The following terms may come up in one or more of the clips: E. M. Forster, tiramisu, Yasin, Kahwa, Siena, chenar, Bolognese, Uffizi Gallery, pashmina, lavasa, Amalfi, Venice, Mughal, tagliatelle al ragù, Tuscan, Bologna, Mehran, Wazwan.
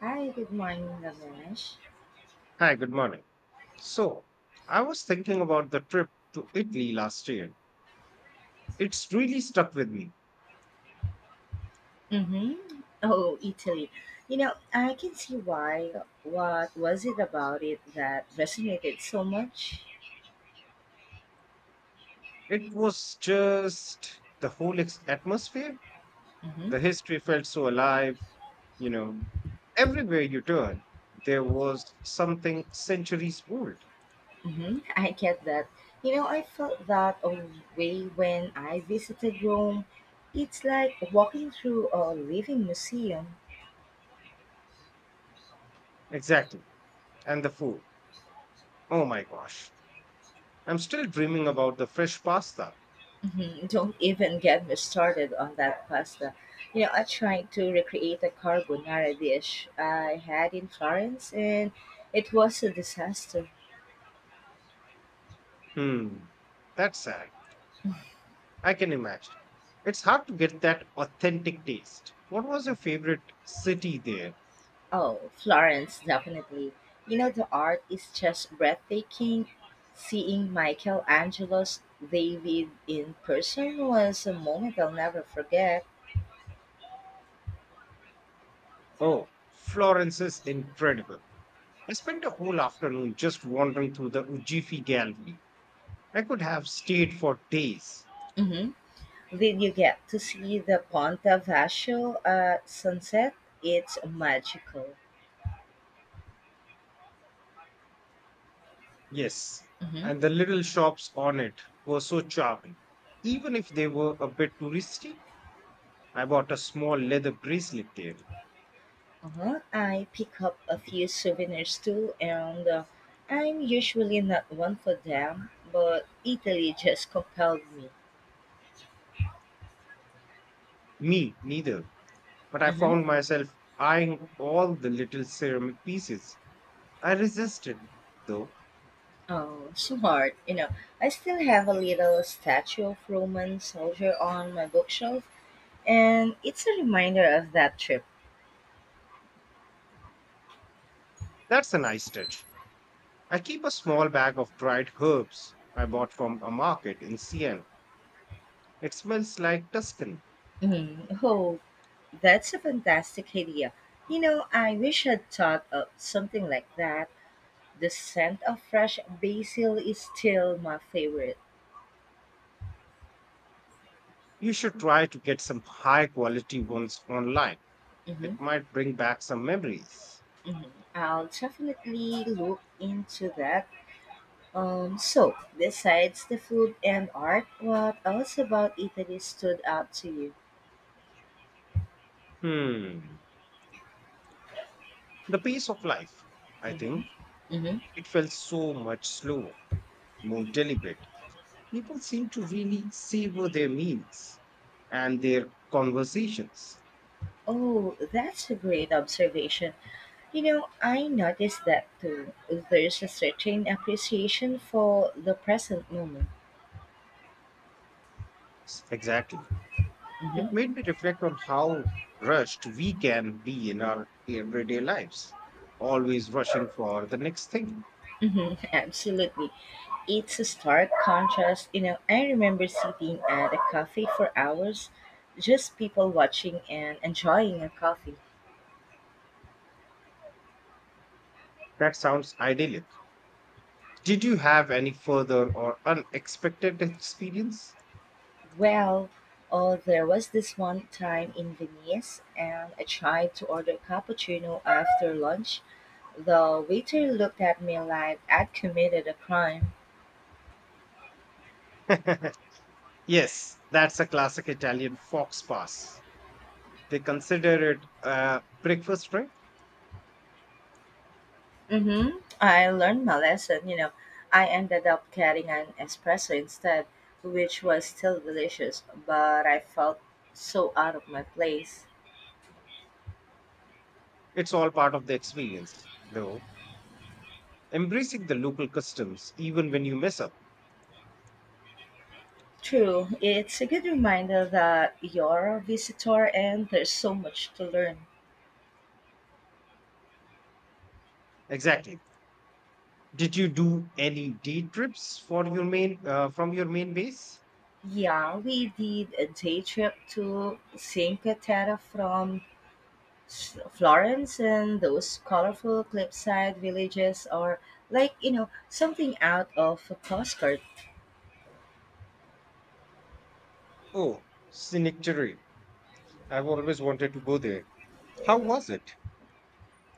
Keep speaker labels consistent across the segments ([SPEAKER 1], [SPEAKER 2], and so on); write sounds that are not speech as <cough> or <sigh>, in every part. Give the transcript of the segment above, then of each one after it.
[SPEAKER 1] Hi, good morning, Ramesh.
[SPEAKER 2] Hi, good morning. So, I was thinking about the trip to Italy last year. It's really stuck with me.
[SPEAKER 1] Mm-hmm. Oh, Italy. I can see why. What was it about it that resonated so much?
[SPEAKER 2] It was just the whole atmosphere.
[SPEAKER 1] Mm-hmm.
[SPEAKER 2] The history felt so alive, you know. Everywhere you turn, there was something centuries old.
[SPEAKER 1] Mm-hmm. I get that. I felt that a way when I visited Rome. It's like walking through a living museum.
[SPEAKER 2] Exactly. And the food. Oh my gosh. I'm still dreaming about the fresh pasta.
[SPEAKER 1] Mhm. Don't even get me started on that pasta. I tried to recreate a carbonara dish I had in Florence, and it was a disaster.
[SPEAKER 2] Hmm. That's sad. I can imagine. It's hard to get that authentic taste. What was your favorite city there?
[SPEAKER 1] Oh, Florence, definitely. The art is just breathtaking. Seeing Michelangelo's David in person was a moment I'll never forget.
[SPEAKER 2] Oh, Florence is incredible. I spent a whole afternoon just wandering through the Ugiffi Gallery. I could have stayed for days.
[SPEAKER 1] Hmm. Did you get to see the Ponte Vecchio sunset? It's magical.
[SPEAKER 2] Yes,
[SPEAKER 1] Mhm.
[SPEAKER 2] and the little shops on it were so charming. Even if they were a bit touristy, I bought a small leather bracelet there.
[SPEAKER 1] Uh-huh. I pick up a few souvenirs too, and I'm usually not one for them, but Italy just compelled me.
[SPEAKER 2] Me, neither. But I
[SPEAKER 1] Uh-huh.
[SPEAKER 2] found myself eyeing all the little ceramic pieces I resisted, though.
[SPEAKER 1] Oh, smart. I still have a little statue of Roman soldier on my bookshelf, and it's a reminder of that trip.
[SPEAKER 2] That's a nice touch. I keep a small bag of dried herbs I bought from a market in Siena. It smells like Tuscan.
[SPEAKER 1] Mhm. Oh, that's a fantastic idea. I wish I'd thought of something like that. The scent of fresh basil is still my favorite.
[SPEAKER 2] You should try to get some high quality ones online.
[SPEAKER 1] Mhm.
[SPEAKER 2] It might bring back some memories.
[SPEAKER 1] Mhm. I'll definitely look into that. So, besides the food and art, what else about Italy stood out to you?
[SPEAKER 2] Hmm. The pace of life, I
[SPEAKER 1] Hmm.
[SPEAKER 2] think.
[SPEAKER 1] Hmm.
[SPEAKER 2] It felt so much slower, more deliberate. People seem to really savor their meals and their conversations.
[SPEAKER 1] Oh, that's a great observation. I noticed that too. There's a certain appreciation for the present moment.
[SPEAKER 2] Exactly.
[SPEAKER 1] Hmm.
[SPEAKER 2] It made me reflect on how rushed we can be in our everyday lives, always rushing for the next thing.
[SPEAKER 1] Hmm. <laughs> Absolutely. It's a stark contrast. I remember sitting at a cafe for hours, just people watching and enjoying a coffee.
[SPEAKER 2] That sounds idyllic. Did you have any further or unexpected experience?
[SPEAKER 1] Well, oh, there was this one time in Venice, and I tried to order a cappuccino after lunch. The waiter looked at me like I'd committed a crime.
[SPEAKER 2] <laughs> Yes, that's a classic Italian fox pass. They consider it a breakfast trip.
[SPEAKER 1] Mm-hmm. I learned my lesson. I ended up getting an espresso instead, which was still delicious, but I felt so out of my place.
[SPEAKER 2] It's all part of the experience, though. Embracing the local customs, even when you mess up.
[SPEAKER 1] True, it's a good reminder that you're a visitor and there's so much to learn.
[SPEAKER 2] Exactly. Did you do any day trips for your main from your main base?
[SPEAKER 1] Yeah, we did a day trip to Cinque Terre from Florence, and those colorful cliffside villages are like, something out of a postcard.
[SPEAKER 2] Oh, scenic terrain. I've always wanted to go there. How was it?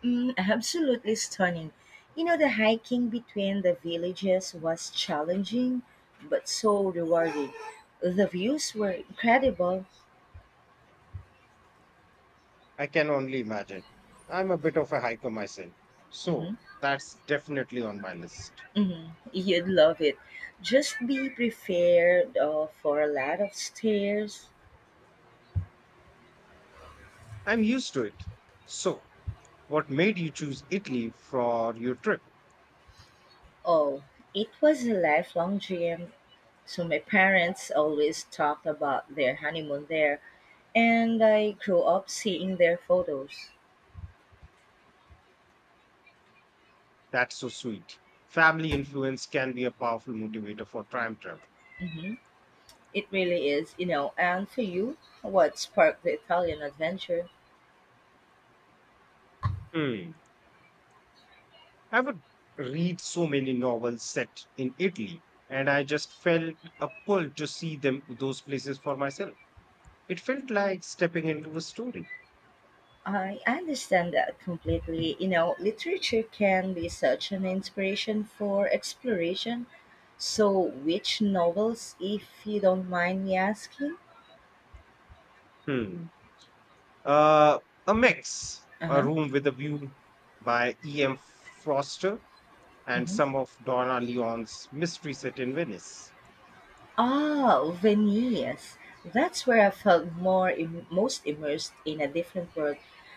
[SPEAKER 1] Mm, absolutely stunning. The hiking between the villages was challenging, but so rewarding. The views were incredible.
[SPEAKER 2] I can only imagine. I'm a bit of a hiker myself,
[SPEAKER 1] Hmm.
[SPEAKER 2] so that's definitely on my list.
[SPEAKER 1] Hmm. You'd love it. Just be prepared for a lot of stairs.
[SPEAKER 2] I'm used to it. So, what made you choose Italy for your trip?
[SPEAKER 1] Oh, it was a lifelong dream. So my parents always talked about their honeymoon there, and I grew up seeing their photos.
[SPEAKER 2] That's so sweet. Family influence can be a powerful motivator for time travel.
[SPEAKER 1] Hmm. It really is. And for you, what sparked the Italian adventure?
[SPEAKER 2] Hmm. I would read so many novels set in Italy, and I just felt a pull to see them those places for myself. It felt like stepping into a story.
[SPEAKER 1] I understand that completely. Literature can be such an inspiration for exploration. So, which novels, if you don't mind me asking?
[SPEAKER 2] Hmm. Uh, a mix, a
[SPEAKER 1] Uh
[SPEAKER 2] room with a view by E. M. Foster and
[SPEAKER 1] huh.
[SPEAKER 2] some of Donna Leon's mystery set in Venice.
[SPEAKER 1] Ah, Venice. That's where I felt most immersed in a different world.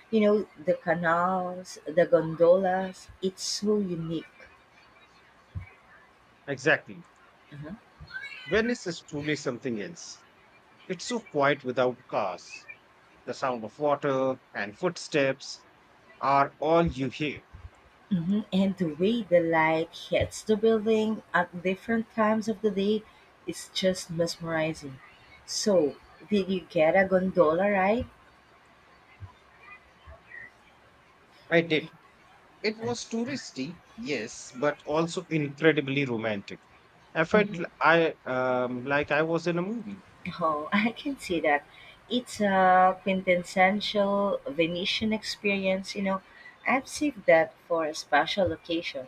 [SPEAKER 1] The canals, the gondolas, it's so unique.
[SPEAKER 2] Exactly.
[SPEAKER 1] Mhm.
[SPEAKER 2] Venice is truly something else. It's so quiet without cars. The sound of water and footsteps are all you hear.
[SPEAKER 1] Mhm. And the way the light hits the building at different times of the day is just mesmerizing. So, did you get a gondola ride?
[SPEAKER 2] I did. It was touristy, yes, but also incredibly romantic. I felt l- I like I was in a movie.
[SPEAKER 1] Oh, <laughs> I can see that. It's a quintessential Venetian experience, I've saved that for a special occasion.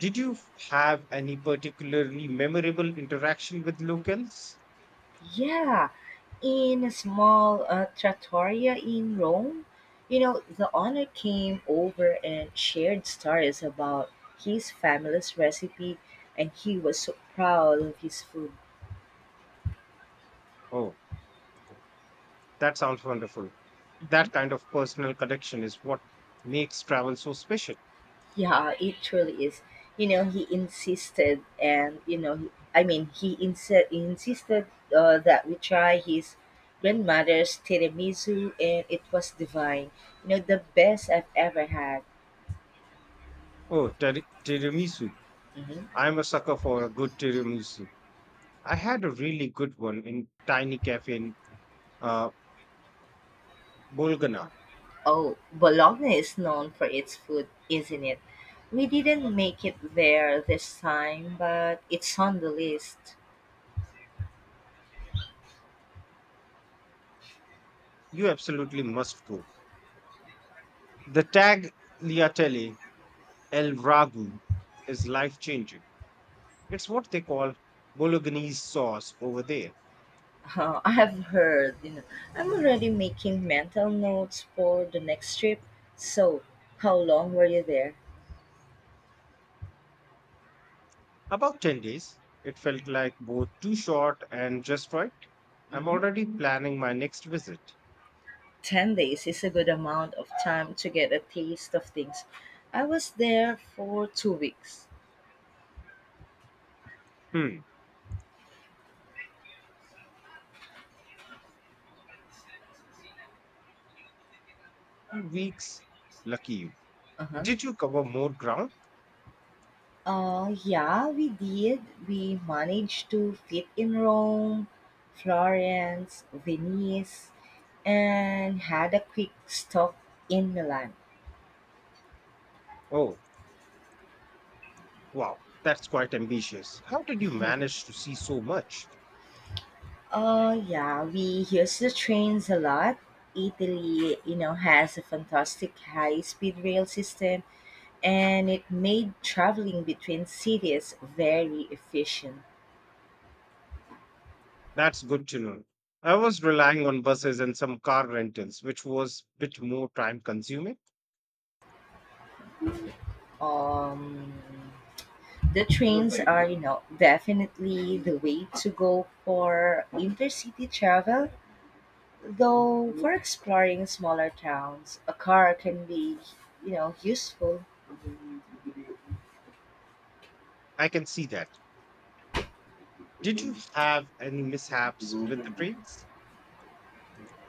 [SPEAKER 2] Did you have any particularly memorable interaction with locals?
[SPEAKER 1] Yeah, in a small trattoria in Rome, the owner came over and shared stories about his family's recipe, and he was so proud of his food.
[SPEAKER 2] Oh, that sounds wonderful.
[SPEAKER 1] Mm-hmm.
[SPEAKER 2] That kind of personal connection is what makes travel so special.
[SPEAKER 1] Yeah, it truly is. You know, he insisted, and you know, he, I mean, he insi- insisted that we try his grandmother's tiramisu, and it was divine. The best I've ever had.
[SPEAKER 2] Oh, tiramisu.
[SPEAKER 1] Mhm.
[SPEAKER 2] I'm a sucker for a good tiramisu. I had a really good one in tiny cafe in uh, Bolgana.
[SPEAKER 1] Oh, Bologna is known for its food, isn't it? We didn't make it there this time, but it's on the list.
[SPEAKER 2] You absolutely must go. The tagliatelle El Ragu is life changing. It's what they call Bolognese sauce over there.
[SPEAKER 1] Oh, I have heard, I'm already making mental notes for the next trip. So, how long were you there?
[SPEAKER 2] About 10 days, it felt like both too short and just right. I'm
[SPEAKER 1] Hmm.
[SPEAKER 2] already planning my next visit.
[SPEAKER 1] 10 days is a good amount of time to get a taste of things. I was there for 2 weeks.
[SPEAKER 2] Hmm, 2 weeks. Lucky you.
[SPEAKER 1] Uh-huh.
[SPEAKER 2] Did you cover more ground?
[SPEAKER 1] Yeah, we did. We managed to fit in Rome, Florence, Venice, and had a quick stop in Milan.
[SPEAKER 2] Oh, wow, that's quite ambitious. How did you manage to see so much?
[SPEAKER 1] Oh yeah, we use the trains a lot. Italy, has a fantastic high-speed rail system, and it made traveling between cities very efficient.
[SPEAKER 2] That's good to know. I was relying on buses and some car rentals, which was a bit more time consuming.
[SPEAKER 1] Um, the trains are, definitely the way to go for intercity travel. Though for exploring smaller towns, a car can be, useful.
[SPEAKER 2] I can see that. Did you have any mishaps with the trains?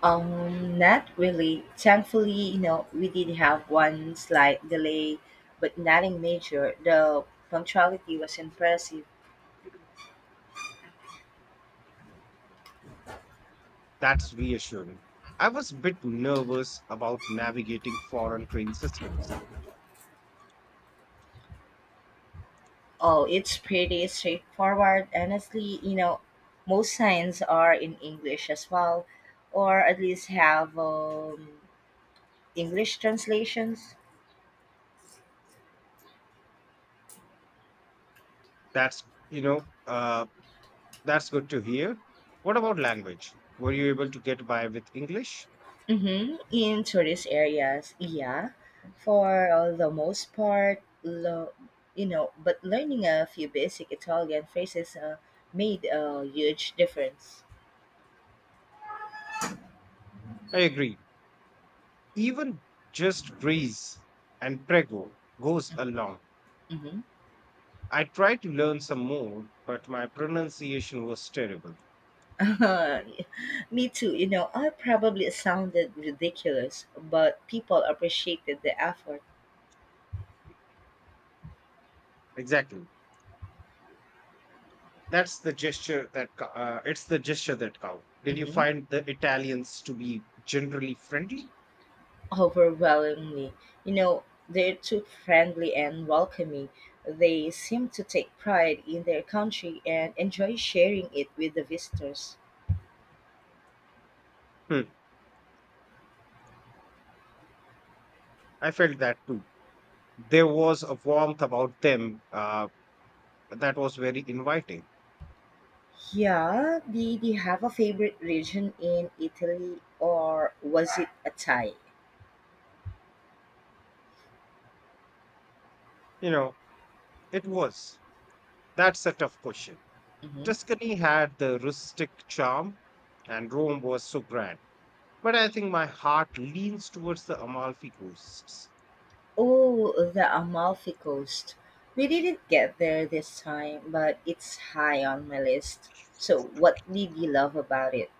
[SPEAKER 1] Not really. Thankfully, we did have one slight delay, but nothing major. The punctuality was impressive.
[SPEAKER 2] That's reassuring. I was a bit nervous about navigating foreign train systems.
[SPEAKER 1] Oh, it's pretty straightforward. Honestly, most signs are in English as well, or at least have English translations.
[SPEAKER 2] That's, you know, that's good to hear. What about language? Were you able to get by with English?
[SPEAKER 1] Hmm. In tourist areas, yeah, for the most part, but learning a few basic Italian phrases made a huge difference.
[SPEAKER 2] I agree. Even just Greece and Prego goes along.
[SPEAKER 1] Hmm.
[SPEAKER 2] I tried to learn some more, but my pronunciation was terrible.
[SPEAKER 1] <laughs> Me too. I probably sounded ridiculous, but people appreciated the effort.
[SPEAKER 2] Exactly. That's the it's the gesture that counts. Did you
[SPEAKER 1] Mhm.
[SPEAKER 2] find the Italians to be generally friendly?
[SPEAKER 1] Overwhelmingly, you know, they're too friendly and welcoming. They seem to take pride in their country and enjoy sharing it with the visitors.
[SPEAKER 2] Hmm, I felt that too. There was a warmth about them that was very inviting.
[SPEAKER 1] Yeah, did you have a favorite region in Italy, or was it a tie?
[SPEAKER 2] You know, it was. That's a tough question.
[SPEAKER 1] Hmm.
[SPEAKER 2] Tuscany had the rustic charm, and Rome was so grand. But I think my heart leans towards the Amalfi coasts.
[SPEAKER 1] Oh, the Amalfi Coast. We didn't get there this time, but it's high on my list. So, what did you love about it?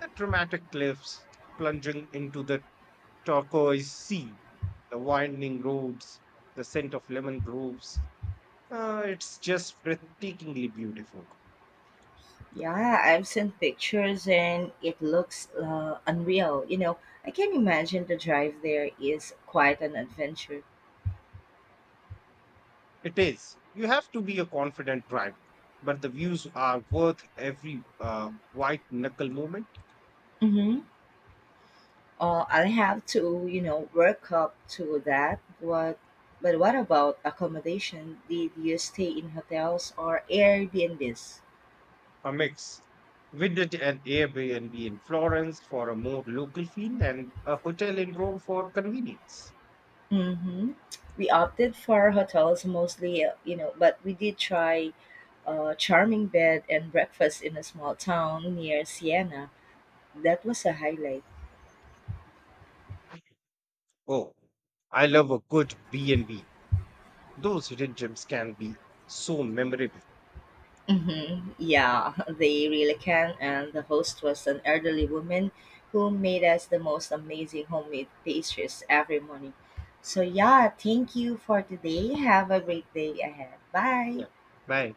[SPEAKER 2] The dramatic cliffs plunging into the turquoise sea, the winding roads, the scent of lemon groves. It's just breathtakingly beautiful.
[SPEAKER 1] Yeah, I've seen pictures and it looks unreal. I can imagine the drive there is quite an adventure.
[SPEAKER 2] It is. You have to be a confident driver, but the views are worth every white knuckle moment.
[SPEAKER 1] Hmm. I'll have to, work up to that. But what about accommodation? Did you stay in hotels or Airbnbs?
[SPEAKER 2] A mix. We did an Airbnb in Florence for a more local feel and a hotel in Rome for convenience.
[SPEAKER 1] Mm-hmm. We opted for hotels mostly, but we did try a charming bed and breakfast in a small town near Siena. That was a highlight.
[SPEAKER 2] Oh, I love a good B&B. Those hidden gems can be so memorable.
[SPEAKER 1] Hmm. Yeah, <laughs> they really can. And the host was an elderly woman who made us the most amazing homemade pastries every morning. So, yeah, thank you for today. Have a great day ahead. Bye.
[SPEAKER 2] Yeah. Bye.